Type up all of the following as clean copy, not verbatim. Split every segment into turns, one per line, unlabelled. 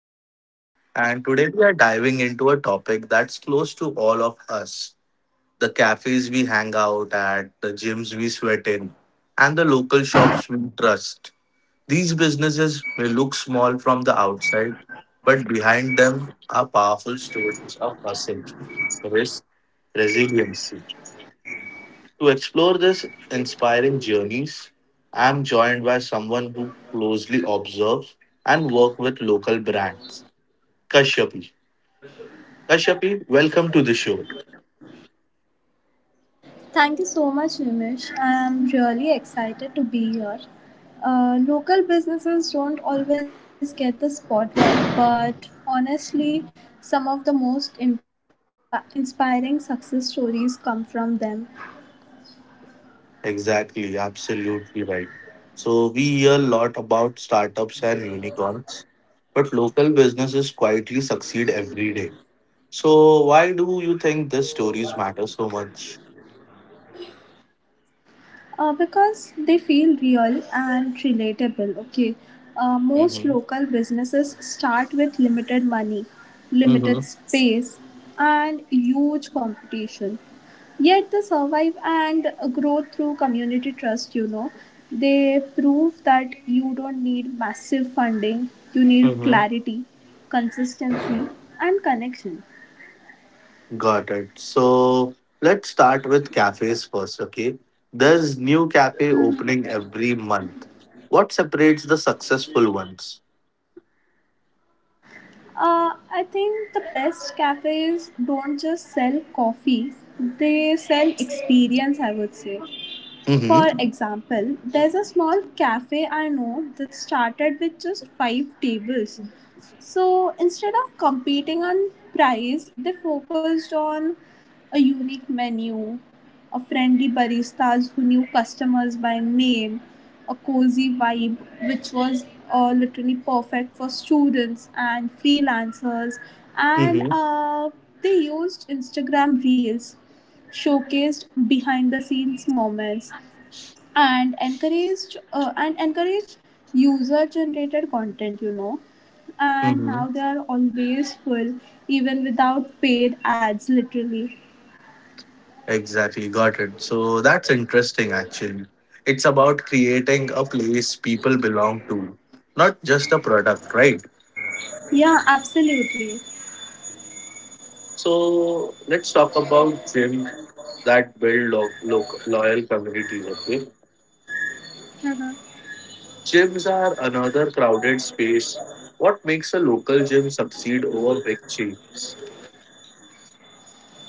Nimish, and today we are diving into a topic that's close to all of us: the cafes we hang out at, the gyms we sweat in, and the local shops we trust. These businesses may look small from the outside, but behind them are powerful stories of hustle, risk, resilience. To explore this inspiring journeys, I am joined by someone who closely observes and works with local brands, Kashyapi. Kashyapi, welcome to the show.
Thank you so much, Nimish. I'm really excited to be here. Local businesses don't always get the spotlight, but honestly, some of the most inspiring success stories come from them.
Exactly, absolutely right. So we hear a lot about startups and unicorns, but local businesses quietly succeed every day. So why do you think these stories matter so much?
Because they feel real and relatable. Okay, most local
Mm-hmm.
businesses start with limited money, limited
Mm-hmm.
space, and huge competition. Yet they survive and grow through community trust. They prove that you don't need massive funding, you need clarity, consistency, and connection.
Got it. So let's start with cafes first, okay? There's new cafe opening every month. What separates the successful ones?
I think the best cafes don't just sell coffee, they sell experience, I would say. For
Mm-hmm.
example, there's a small cafe I know that started with just five tables, so instead of competing on price, they focused on a unique menu, a friendly baristas who knew customers by name, a cozy vibe which was literally perfect for students and freelancers, and
Mm-hmm.
they used Instagram reels, showcased behind the scenes moments, and encouraged user generated content and
Mm-hmm.
now they are always full even without paid ads literally.
Exactly. Got it. So that's interesting actually. It's about creating a place people belong to, not just a product, right?
Yeah, absolutely.
So let's talk about gym that build loyal communities, okay?
Mm-hmm.
Gyms are another crowded space. What makes a local gym succeed over big chains?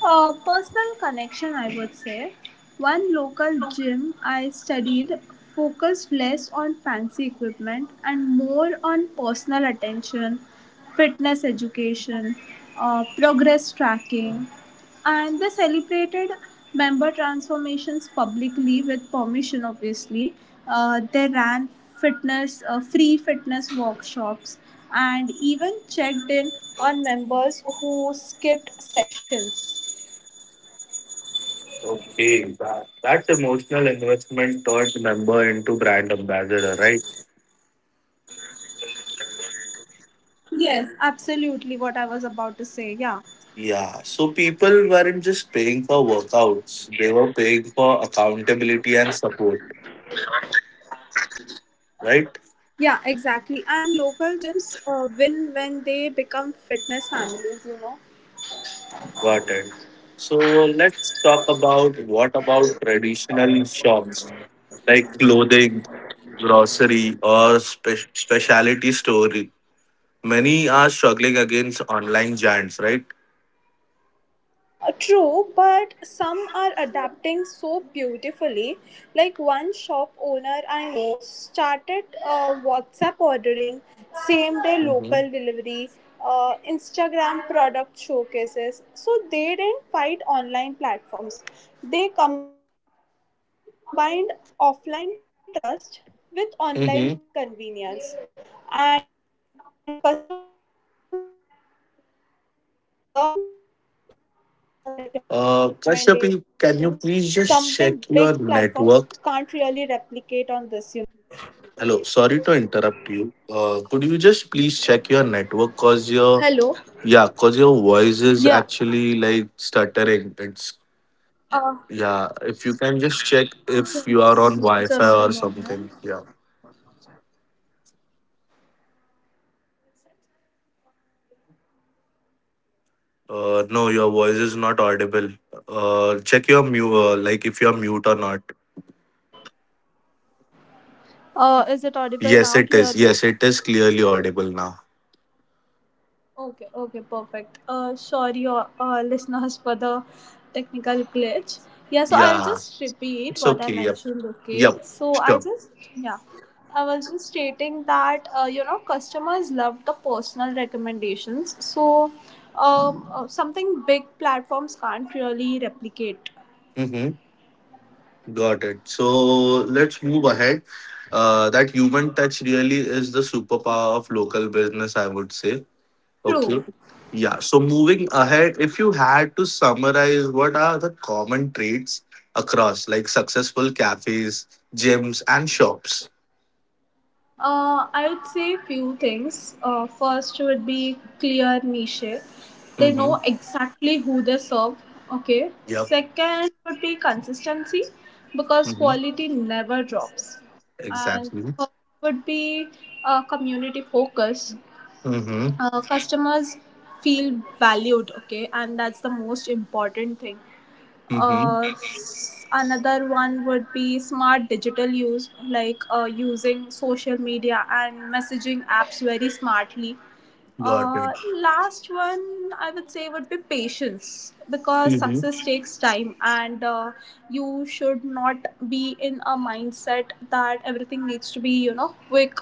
Personal connection, I would say. One local gym I studied focused less on fancy equipment and more on personal attention, fitness education, progress tracking, and they celebrated member transformations publicly with permission, obviously. They ran free fitness workshops, and even checked in on members who skipped sessions.
Okay, that emotional
Yeah, and
investment
that,
turned member into brand ambassador, right?
yes, absolutely what I was about to say. Yeah,
Yeah, so people weren't just paying for workouts, they were paying for accountability and support,
yeah, exactly.
right?
And local gyms win when they become fitness families.
Got it. So let's talk about what about traditional shops like clothing, grocery, or specialty store. Many are struggling against online giants, right?
True, but some are adapting so beautifully. Like one shop owner I know started WhatsApp ordering, same day
Mm-hmm.
local delivery, Instagram product showcases. So they didn't fight online platforms, they combined offline trust with online convenience,
Mm-hmm.
and customers loved the personal recommendations, something big platforms can't really replicate on this.
Kashyapi, can you please just check your network? Hello, sorry to interrupt you. Could you just please check your
Hello.
network? Cause your,
Yeah.
yeah, cause your voice is actually like stuttering.
Uh,
It's, yeah. If you can just check
just,
if
just
you
a
are on
moment.
Wi-Fi or something. Yeah.
Uh, is it like clear now?
No, your voice is not audible. Check your mute. Like if
Hello.
you're mute or not.
Is it audible
Yes,
now
it is.
clearly?
Yes, it is clearly audible now.
Okay, okay, perfect. Sorry, listeners, for the technical glitch. Yeah, so I'll
Yeah,
just repeat
it's
what I
okay. Yep.
mentioned, okay?
Yep. Sure.
Yeah, I was just stating that, customers love the personal recommendations. So something big platforms can't really replicate.
Mm-hmm. Got it. So let's move ahead. That human touch really is the superpower of local business, I would say.
True.
Okay. Yeah. So moving ahead, if you had to summarize what are the common traits across like successful cafes, gyms, and shops?
I'd say few things. First would be clear niche. They know
Mm-hmm.
exactly who they serve. Okay.
Yep.
Second would be consistency because
Mm-hmm.
quality never drops. And
Exactly.
third would be community focus.
Mm-hmm.
Customers feel valued. Okay. And that's the most important thing uh,
Mm-hmm.
s- another one would be smart digital use, like using social media and messaging apps very smartly. uh,
Got it.
last one I would say would be patience, because
Mm-hmm.
success takes time, and you should not be in a mindset that everything needs to be quick,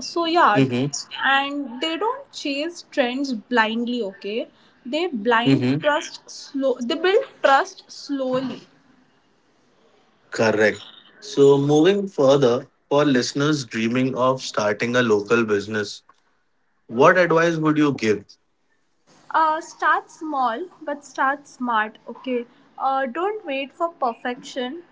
so yeah.
Mm-hmm.
And they don't chase trends blindly, okay. they blind
Mm-hmm.
trust slow they build trust slowly.
Correct. So, moving further, for listeners dreaming of starting a local business, what advice would you give?
Start small but start smart, okay. Don't wait for perfection.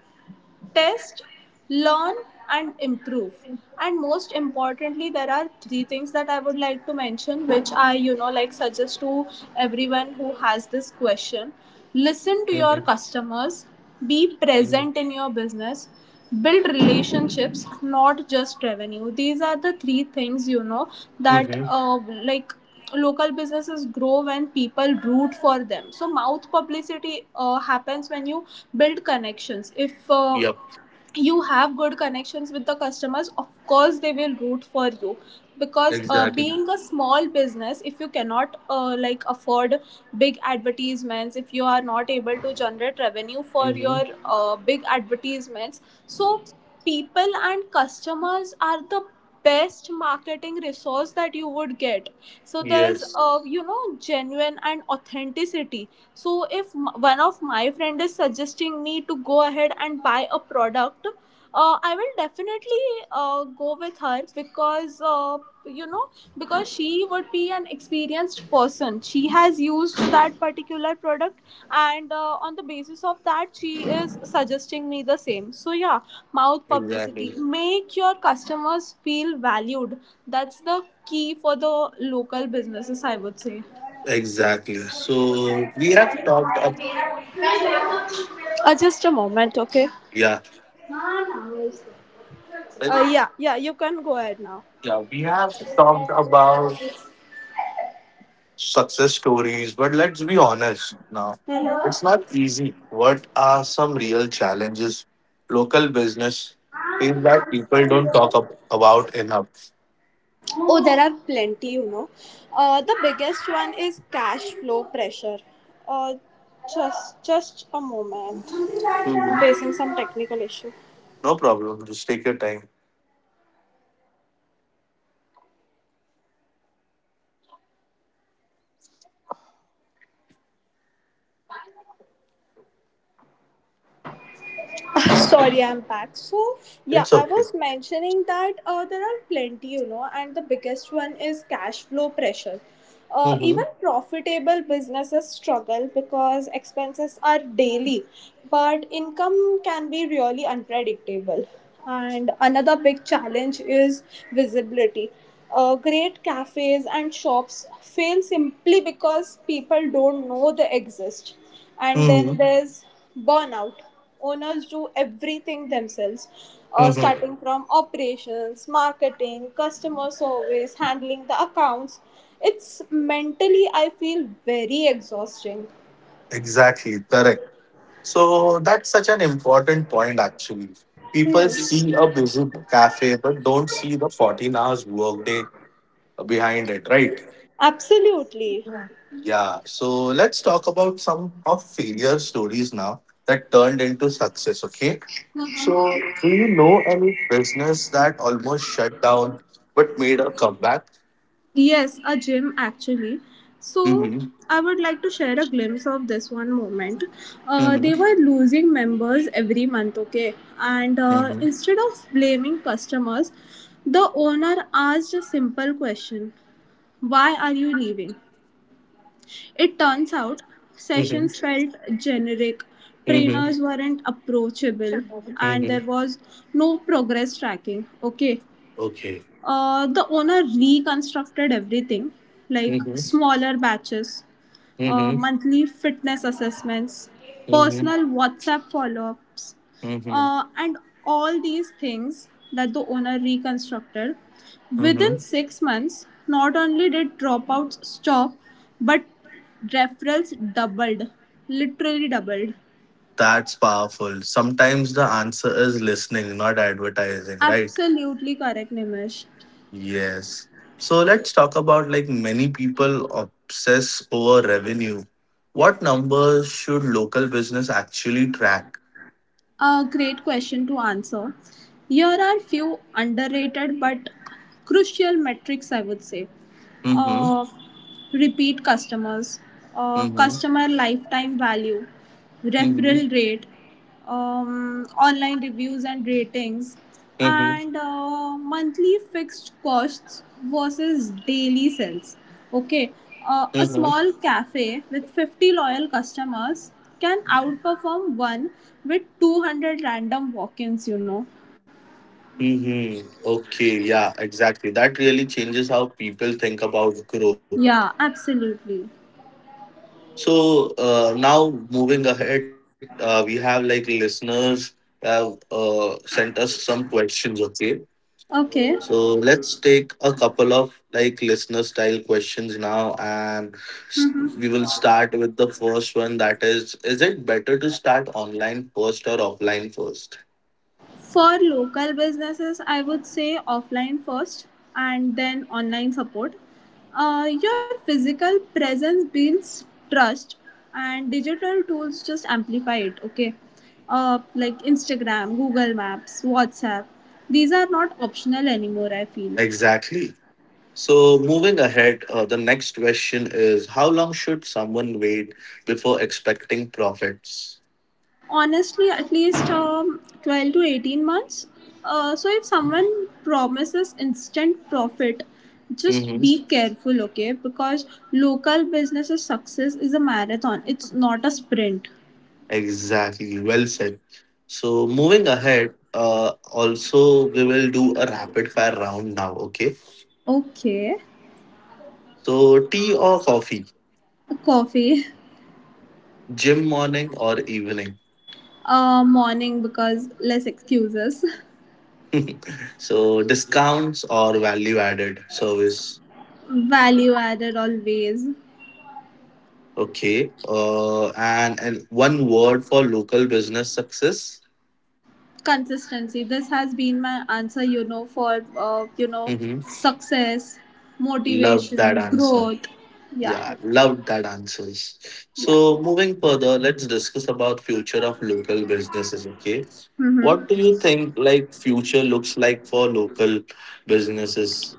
Test, learn, and improve. And most importantly, there are three things that I would like to mention, which I, like suggest to everyone who has this question. Listen to your
Mm-hmm.
customers, be present in your business, build relationships, not just revenue. These are the three things that
Mm-hmm.
like, local businesses grow when people root for them, so mouth publicity happens when you build connections. If
Yep,
you have good connections with the customers, of course they will root for you, because being
exactly.
a small business, if you cannot like afford big advertisements, if you are not able to generate revenue for your
Mm-hmm.
big advertisements, so people and customers are the best marketing resource that you would get, so there's
Yes,
genuine and authenticity. So if one of my friend is suggesting me to go ahead and buy a product, I will definitely go with her, because you know because she would be an experienced person. She has used that particular product, and on the basis of that, she is suggesting me the same. So yeah, mouth publicity.
exactly.
Make your customers feel valued. That's the key for the local businesses, I would say.
Exactly. So, we have talked up.
Just a moment, okay?
Yeah.
Yeah, yeah, you can go ahead now.
Yeah, we have talked about
Hello.
success stories, but let's be honest now. It's not easy. What are some real challenges local business is that people don't talk about enough?
Oh, there are plenty. The biggest one is cash flow pressure. Uh, just a moment. I'm
Mhm.
facing some technical issue.
No problem. Just take your time.
Ah, sorry, I'm back. So, yeah,
It's
I
okay.
was mentioning that there are plenty, and the biggest one is cash flow pressure. Uh,
Hmm.
even profitable businesses struggle because expenses are daily, but income can be really unpredictable. And another big challenge is visibility. Great cafes and shops fail simply because people don't know they exist. And then
Hmm.
there's burnout. Owners do everything themselves,
Hmm.
starting from operations, marketing, customer service, handling the accounts. It's mentally, I feel, very exhausting.
Exactly. Correct. So that's such an important point, actually. People
Hmm.
see a busy cafe, but don't see the 14 hours workday behind it, right?
Absolutely.
Yeah, so let's talk about some of failure stories now that turned into success, okay? So, do you know any business that almost shut down but made a comeback?
Yes, a gym actually. So
Mm-hmm.
I would like to share a glimpse of this one moment. uh,
Mm-hmm.
they were losing members every month, okay. And
Mm-hmm.
instead of blaming customers, the owner asked a simple question: why are you leaving? It turns out
Mm-hmm.
sessions felt generic,
Mm-hmm.
trainers weren't approachable, and
Mm-hmm.
there was no progress tracking. Okay.
Okay.
The owner reconstructed everything, like
Mm-hmm.
smaller batches,
Mm-hmm.
monthly fitness assessments,
Mm-hmm.
personal WhatsApp follow ups,
Mm-hmm.
and all these things that the owner reconstructed. Within
Mm-hmm.
6 months, not only did dropouts stop, but referrals doubled, literally doubled.
That's powerful. Sometimes the answer is listening, not advertising, right?
Absolutely correct, Nimish.
Yes. So let's talk about, like, many people obsess over revenue. What numbers should local business actually track?
A great question to answer. Here are few underrated but crucial metrics, I would say.
Mm-hmm.
Uh, repeat customers,
Mm-hmm.
customer lifetime value, referral
Mm-hmm.
rate, online reviews and ratings,
Mm-hmm.
and monthly fixed costs versus daily sales. Okay, a
Mm-hmm.
small cafe with 50 loyal customers can outperform one with 200 random walk ins.
Mm-hmm. Okay, yeah, exactly. That really changes how people think about growth.
Yeah, absolutely.
So now moving ahead, we have like listeners have sent us some questions. Okay,
Okay.
so let's take a couple of like listener style questions now, and s- we will start with the first one. That is it better to start online first or offline first?
For local businesses, I would say offline first and then online support. Your physical presence builds trust, and digital tools just amplify it, okay? Like Instagram, Google Maps, WhatsApp. These are not optional anymore, I feel.
Exactly. So moving ahead, the next question is: how long should someone wait before expecting profits?
Honestly, at least 12 to 18 months. So if someone promises instant profit, just
Mm-hmm.
be careful, okay, because local businesses success is a marathon, it's not a sprint,
Exactly. Well said. So moving ahead, also we will do a rapid fire round now. Okay.
okay.
So tea or coffee?
Coffee.
Gym morning or evening?
Morning, because less excuses.
So discounts or value added service?
Value added, always.
Okay, and one word for local business success.
Consistency. This has been my answer, you know, for
Mm-hmm.
success,
Love that
motivation,
answer.
growth. Yeah.
Yeah, love that answers.
Yeah.
So moving further, let's discuss about future of local businesses, okay? What do
Mm-hmm.
you think like future looks like for local businesses?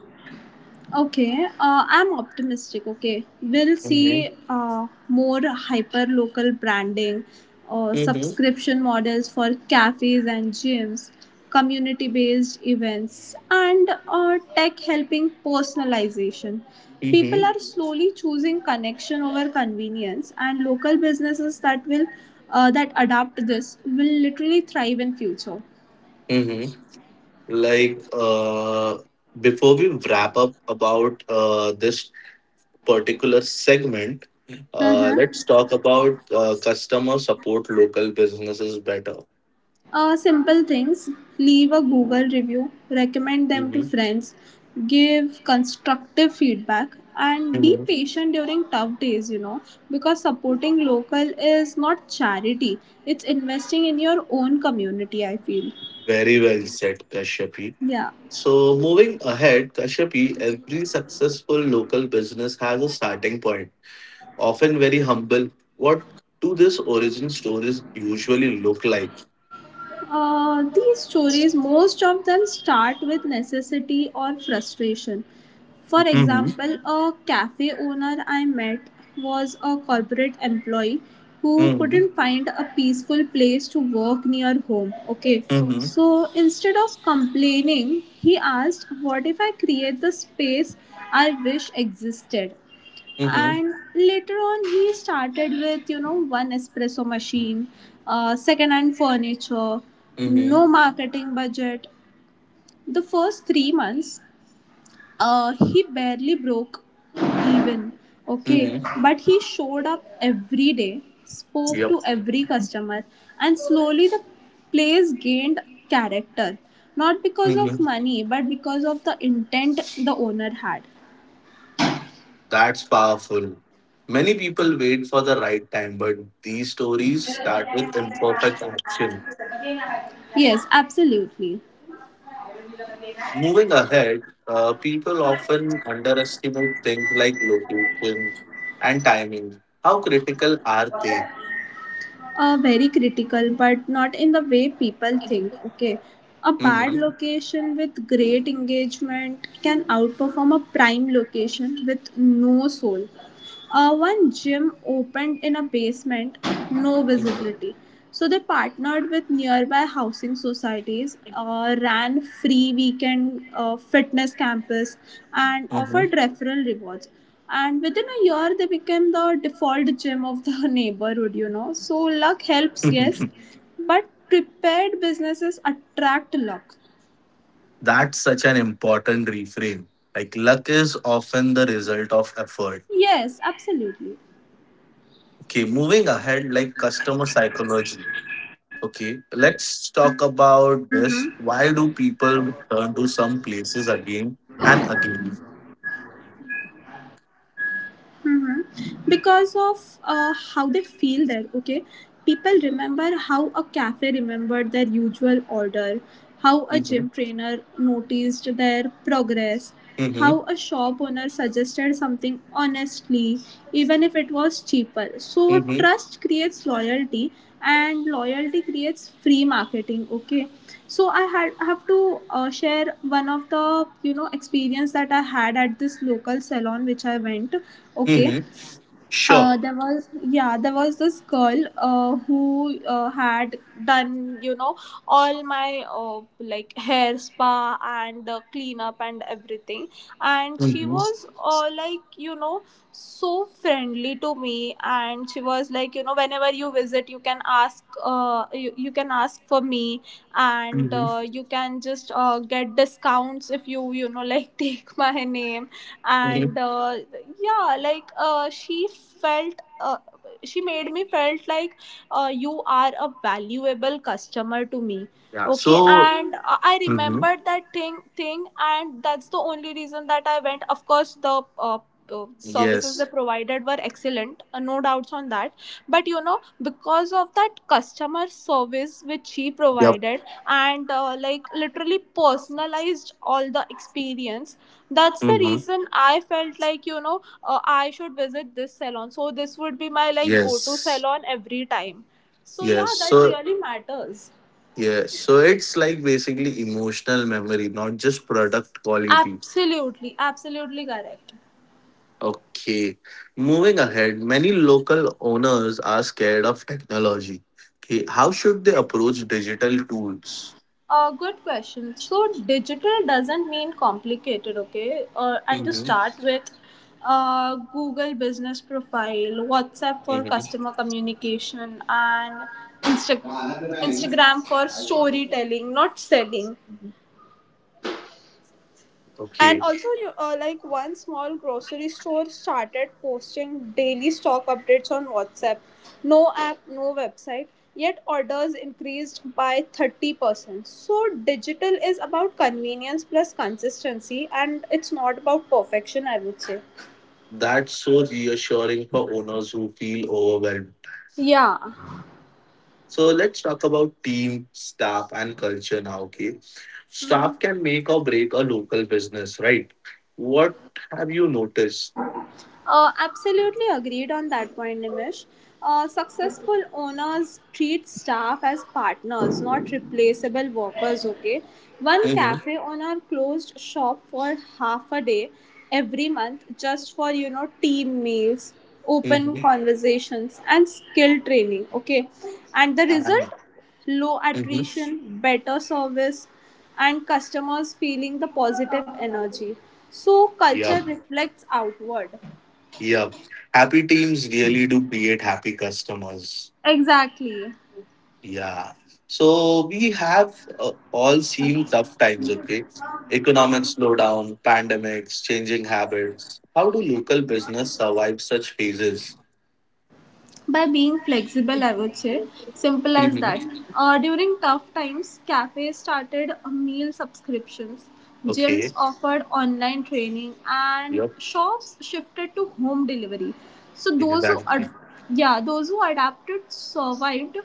Okay. I'm optimistic. Okay, we'll
Mm-hmm.
see more hyper local branding,
Mm-hmm.
subscription models for cafes and gyms, community based events, and tech helping personalization.
Mm-hmm.
People are slowly choosing connection over convenience, and local businesses that will that adapt this will literally thrive in future.
Mm-hmm. Like before we wrap up about this particular segment, let's talk about customer support local businesses better.
Simple things: leave a Google review, recommend them to
Mhm.
friends, give constructive feedback, and be
Mhm.
patient during tough days, because supporting local is not charity, it's investing in your own community, I feel.
Very well said, Kashyapi.
Yeah.
So moving ahead, Kashyapi, every successful local business has a starting point, often very humble. What do these origin stories usually look like?
These stories, most of them start with necessity or frustration. For
Mhm.
example, a cafe owner I met was a corporate employee who
Mhm.
couldn't find a peaceful place to work near home. Okay,
Mhm.
so instead of complaining, he asked, what if I create the space I wish existed? And later on, he started with one espresso machine, second hand furniture,
Mhm.
no marketing budget. The first 3 months, he barely broke even, okay,
Mhm.
but he showed up every day, spoke
Yep.
to every customer, and slowly the place gained character, not because of
Mhm.
money but because of the intent the owner had.
That's powerful. Many people wait for the right time, but these stories start with imperfect action.
Yes, absolutely.
Moving ahead, people often underestimate things like location and timing. How critical are they?
Very critical, but not in the way people think. Okay, a bad
Mhm.
location with great engagement can outperform a prime location with no soul. One gym opened in a basement, no
Mhm.
visibility. So they partnered with nearby housing societies, ran free weekend fitness campus, and
Mhm.
offered referral rewards. And within a year, they became the default gym of the neighborhood. So luck helps, yes, but prepared businesses attract luck.
That's such an important reframe. Like, luck is often the result of effort.
Yes, absolutely.
Okay, moving ahead, like customer psychology.
Mm-hmm.
Okay, let's talk about this. Why do people return to some places again and again?
hmm Because of how they feel there, okay? People remember how a cafe remembered their usual order, how a gym trainer
Mm-hmm.
noticed their progress, how a shop owner
Mm-hmm.
suggested something honestly, even if it was cheaper. So, trust
Mm-hmm.
creates loyalty, and loyalty creates free marketing. Okay, so I have to share one of the experience that I had at this local salon which I went. Okay.
Mm-hmm. Sure.
There was, yeah, there was this girl who had done, all my like hair spa and cleanup and everything, and she
Mm-hmm.
was, like, you know, so friendly to me. And she was like, you know, whenever you visit you can ask, you can ask for me, and
Mm-hmm.
you can just get discounts if you, you know, like take my name.
Mm-hmm.
And yeah, like, she felt, she made me felt like, you are a valuable customer to me.
Yeah.
Okay.
So.
And I
Mm-hmm.
remembered that thing, and that's the only reason that I went. Of course, the services they
Yes.
provided were excellent, no doubts on that. But you know, because of that customer service which he
Yep.
provided and, like, literally personalized all the experience, that's the
Mm-hmm.
reason I felt like, you know, I should visit this salon, so this would be my like go to
Yes.
salon every time. So
Yes.
yeah, that
So.
really matters.
Yes. So it's like basically emotional memory, not just product quality.
Absolutely, absolutely correct.
Okay, moving ahead, many local owners are scared of technology. Okay, how should they approach digital tools?
Good question. So, digital doesn't mean complicated, okay? And to
Mm-hmm.
start with, Google Business Profile, WhatsApp for
Mm-hmm.
customer communication, and Insta- Instagram for storytelling, not selling. And
Okay,
also, you, like, one small grocery store started posting daily stock updates on WhatsApp. No app, no website. Yet orders increased by 30%. So, digital is about convenience plus consistency, and it's not about perfection, I would say.
that's so reassuring for owners who feel overwhelmed.
Yeah.
So let's talk about team, staff, and culture now. Okay, staff can make or break a local business, right? What have you noticed?
Absolutely agreed on that point, Nimish. Successful owners treat staff as partners, not replaceable workers, okay? One
Mm-hmm.
cafe owner closed shop for half a day every month just for, you know, team meals, open
Mm-hmm.
conversations, and skill training, okay? And the
And
result? Low
mm-hmm.
attrition, better service, and customers feeling the positive energy. So,
Yeah.
culture reflects outward.
Yeah. Happy teams really do create happy customers.
Exactly.
Yeah. So we have all seen tough times, okay? Economic slowdown, pandemics, changing habits. How do local business survive such phases?
By being flexible, I would say. Simple as
Hmm.
that. During tough times, cafes started meal subscriptions, gyms
Okay.
offered online training, and
Yep.
shops shifted to home delivery. So those
Exactly.
yeah, those who adapted survived.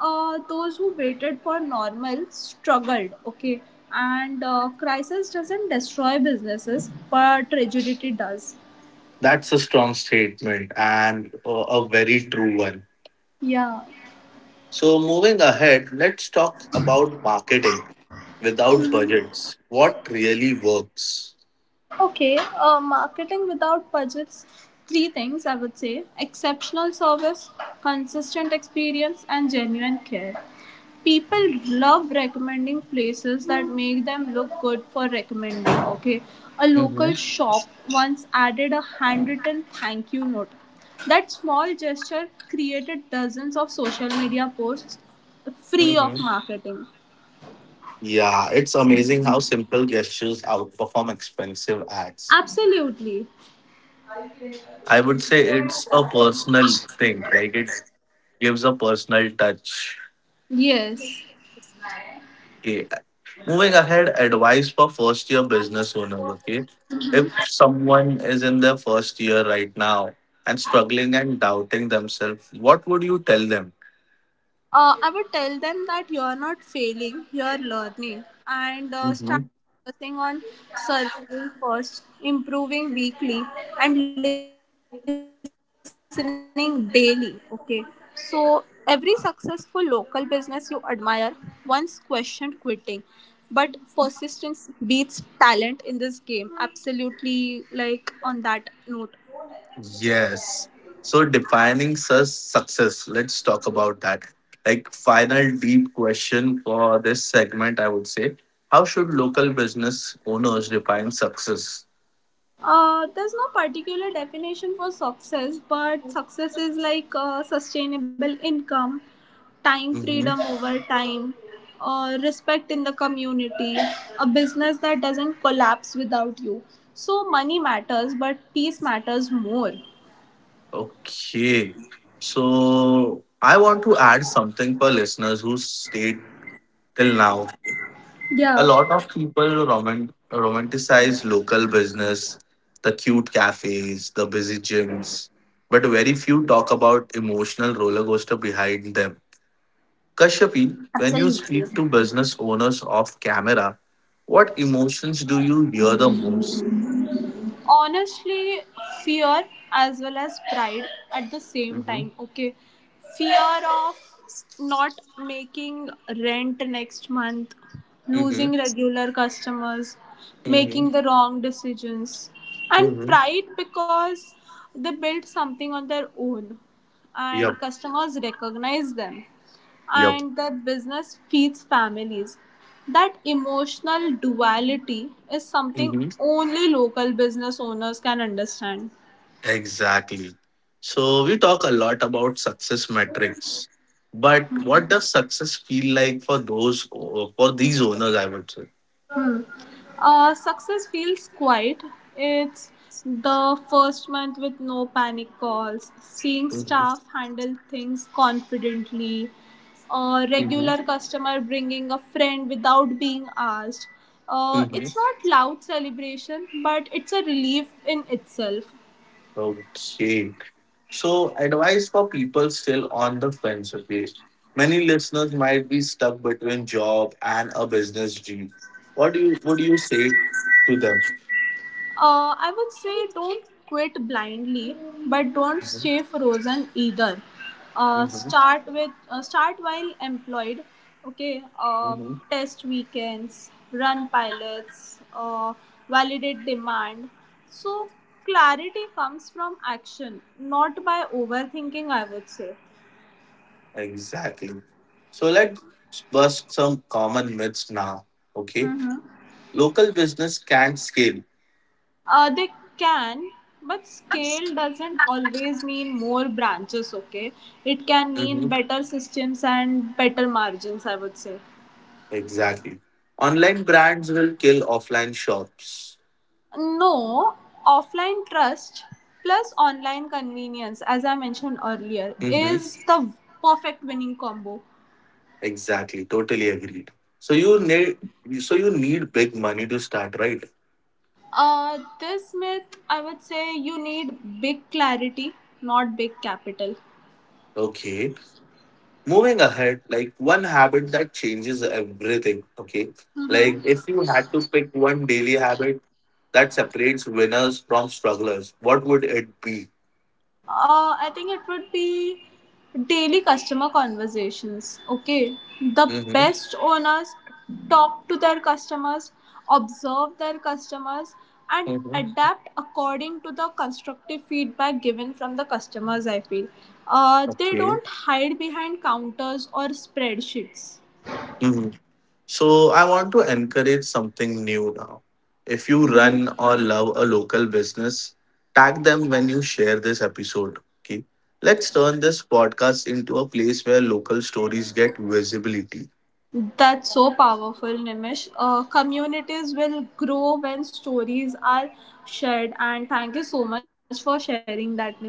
Those who waited for normal struggled. Okay, and crisis doesn't destroy businesses, but rigidity does.
That's a strong statement and a very true one.
Yeah.
So moving ahead, let's talk about marketing without budgets. What really works?
Okay, marketing without budgets, three things I would say: exceptional service, consistent experience, and genuine care. People love recommending places that make them look good for recommending. Okay, a local
Mm-hmm.
shop once added a handwritten thank you note. That small gesture created dozens of social media posts, free of marketing.
Yeah, it's amazing how simple gestures outperform expensive ads.
Absolutely,
I would say it's a personal thing, like it gives a personal touch.
yes.
Okay. Moving ahead, advice for first year business owners. Okay. If someone is in their first year right now and struggling and doubting themselves, what would you tell them?
I would tell them that you're not failing, you're learning, and start focusing on surviving first, improving weekly, and listening daily. Okay, so every successful local business you admire once questioned quitting, but persistence beats talent in this game. Absolutely, like, on that note.
Yes. So defining such success, let's talk about that. Like final deep question for this segment, I would say, how should local business owners define success?
There's no particular definition for success, but success is like, sustainable income, time
Hmm.
freedom over time, respect in the community, a business that doesn't collapse without you. So, money matters, but peace matters more.
Okay. So I want to add something for listeners who stayed till now. A
Yeah,
lot of people romanticize local business, the cute cafes, the busy gyms, but very few talk about emotional roller coaster behind them. Kashyapi, when you
absolutely.
speak to business owners off camera, what emotions do you hear the most?
Honestly, fear as well as pride at the same
Mm-hmm.
time, okay. Fear of not making rent next month,
Mm-hmm.
losing regular customers, making
Mm-hmm.
the wrong decisions. And
Mm-hmm.
pride because they built something on their own, and
Yep.
customers recognize them,
Yep.
and that business feeds families. That emotional duality is something only local business owners can understand.
Exactly. So we talk a lot about success metrics, but what does success feel like for those for these owners? I would say.
Success feels quiet. It's the first month with no panic calls, seeing
Mm-hmm.
staff handle things confidently, a regular customer bringing a friend without being asked. It's
Mm-hmm.
not loud celebration, but it's a relief in itself.
Okay. So advice for people still on the fence. Okay. Many listeners might be stuck between job and a business dream. What do you would you say to them?
I would say don't quit blindly, but don't stay
Mm-hmm.
frozen either. Uh,
Mm-hmm.
start with, start while employed. Okay,
Mm-hmm.
test weekends, run pilots, validate demand. So clarity comes from action, not by overthinking, I would say.
Exactly. So let's bust some common myths now. Okay.
Mhm.
Local business can't scale.
They can, but scale doesn't always mean more branches, okay? It can mean
Hmm.
better systems and better margins, I would say.
Exactly. Online brands will kill offline shops.
No, offline trust plus online convenience, as I mentioned earlier,
Hmm.
is the perfect winning combo.
Exactly. Totally agreed. So you need, so you need big money to start, right?
This myth, I would say, you need big clarity, not big capital.
Okay. Moving ahead, like one habit that changes everything. Okay. Like if you had to pick one daily habit that separates winners from strugglers, what would it be?
I think it would be daily customer conversations. Okay, the best owners talk to their customers, observe their customers, and
Mhm.
adapt according to the constructive feedback given from the customers. I feel they
Okay.
don't hide behind counters or spreadsheets.
Hmm. So I want to encourage something new now. If you run or love a local business, tag them when you share this episode. Okay. Let's turn this podcast into a place where local stories get visibility.
That's so powerful, Nimish. Communities will grow when stories are shared, and thank you so much for sharing that, Nimish.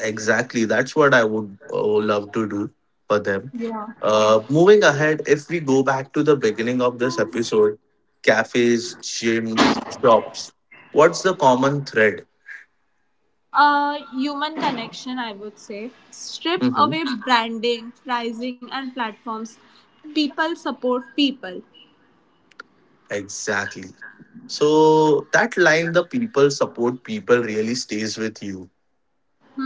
Exactly. That's what I would love to do for them.
Yeah.
Moving ahead, if we go back to the beginning of this episode, cafes, gyms, shops, what's the common thread?
Human connection, I would say. Strip
Mm-hmm.
away branding, pricing, and platforms. People support people.
Exactly. So that line, the people support people, really stays with you.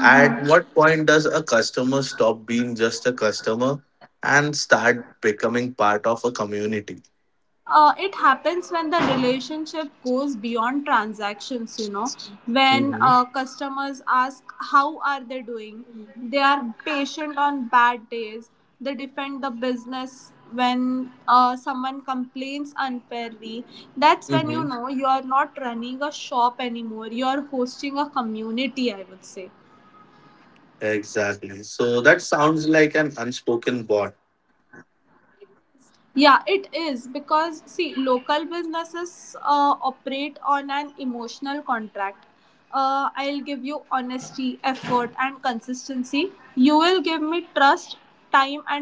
At what point does a customer stop being just a customer and start becoming part of a community?
It happens when the relationship goes beyond transactions, you know, when
Hmm.
customers ask how are they doing, they are patient on bad days, they defend the business when someone complains unfairly. That's when you
Hmm.
know you are not running a shop anymore, you are hosting a community, I would say.
Exactly. So that sounds like an unspoken bond.
Yeah, it is, because, see, local businesses operate on an emotional contract. I'll give you honesty, effort, and consistency. You will give me trust, time, and loyalty.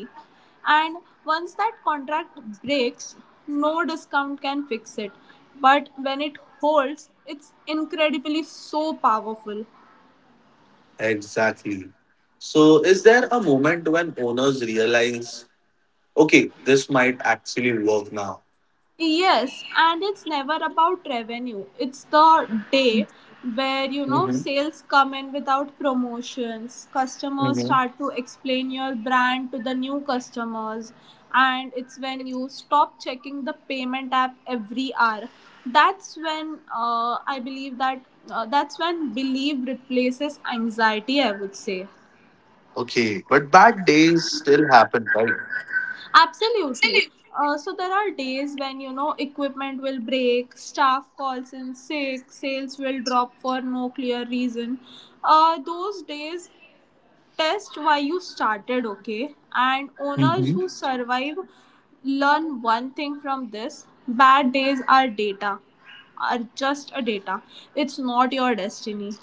And once that contract breaks, no discount can fix it. But when it holds, it's incredibly so powerful.
Exactly. So is there a moment when owners realize, okay, this might actually work now?
Yes, and it's never about revenue. It's the day where, you know,
Hmm.
sales come in without promotions, customers
Hmm.
start to explain your brand to the new customers, and it's when you stop checking the payment app every hour. That's when, I believe that that's when belief replaces anxiety, I would say.
Okay, but bad days still happen, right?
Absolutely. So there are days when, you know, equipment will break, staff calls in sick, sales will drop for no clear reason. Those days test why you started, okay? And owners
Mhm.
who survive learn one thing from this: bad days are data, are just a data. It's not your destiny.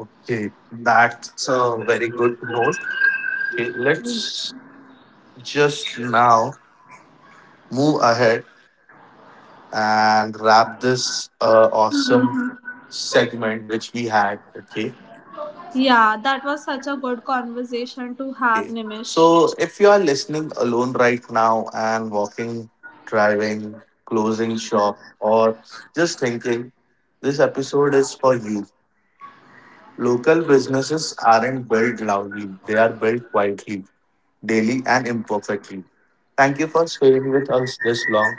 Okay, that's a very good note. Okay, let's just now move ahead and wrap this awesome segment which we had. Okay,
Yeah, that was such a good conversation to have,
okay.
Nimish.
So, if you are listening alone right now and walking, driving, closing shop, or just thinking, this episode is for you. Local businesses aren't built loudly, they are built quietly, daily and imperfectly. Thank you for staying with us this long.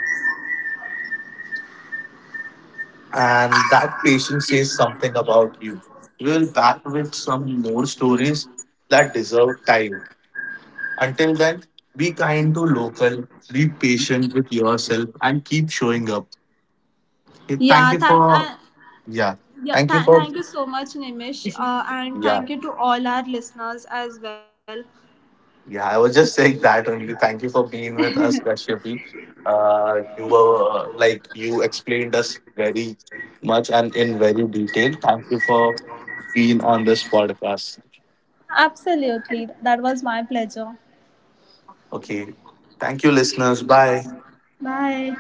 And that patience says something about you. We will back with some more stories that deserve time. Until then, be kind to local, be patient with yourself, and keep showing up. Okay, thank
Yeah,
you
thank.
for,
And
yeah.
yeah,
Thank you for,
thank you so much, Nimish, and
yeah.
thank you to all our listeners as well.
Yeah, I was just saying that only. Thank you for being with us, Kashyapi. You were like you explained us very much and in very detail. Thank you for being on this podcast.
Absolutely, that was my pleasure.
Okay. Thank you, listeners. Bye.
Bye.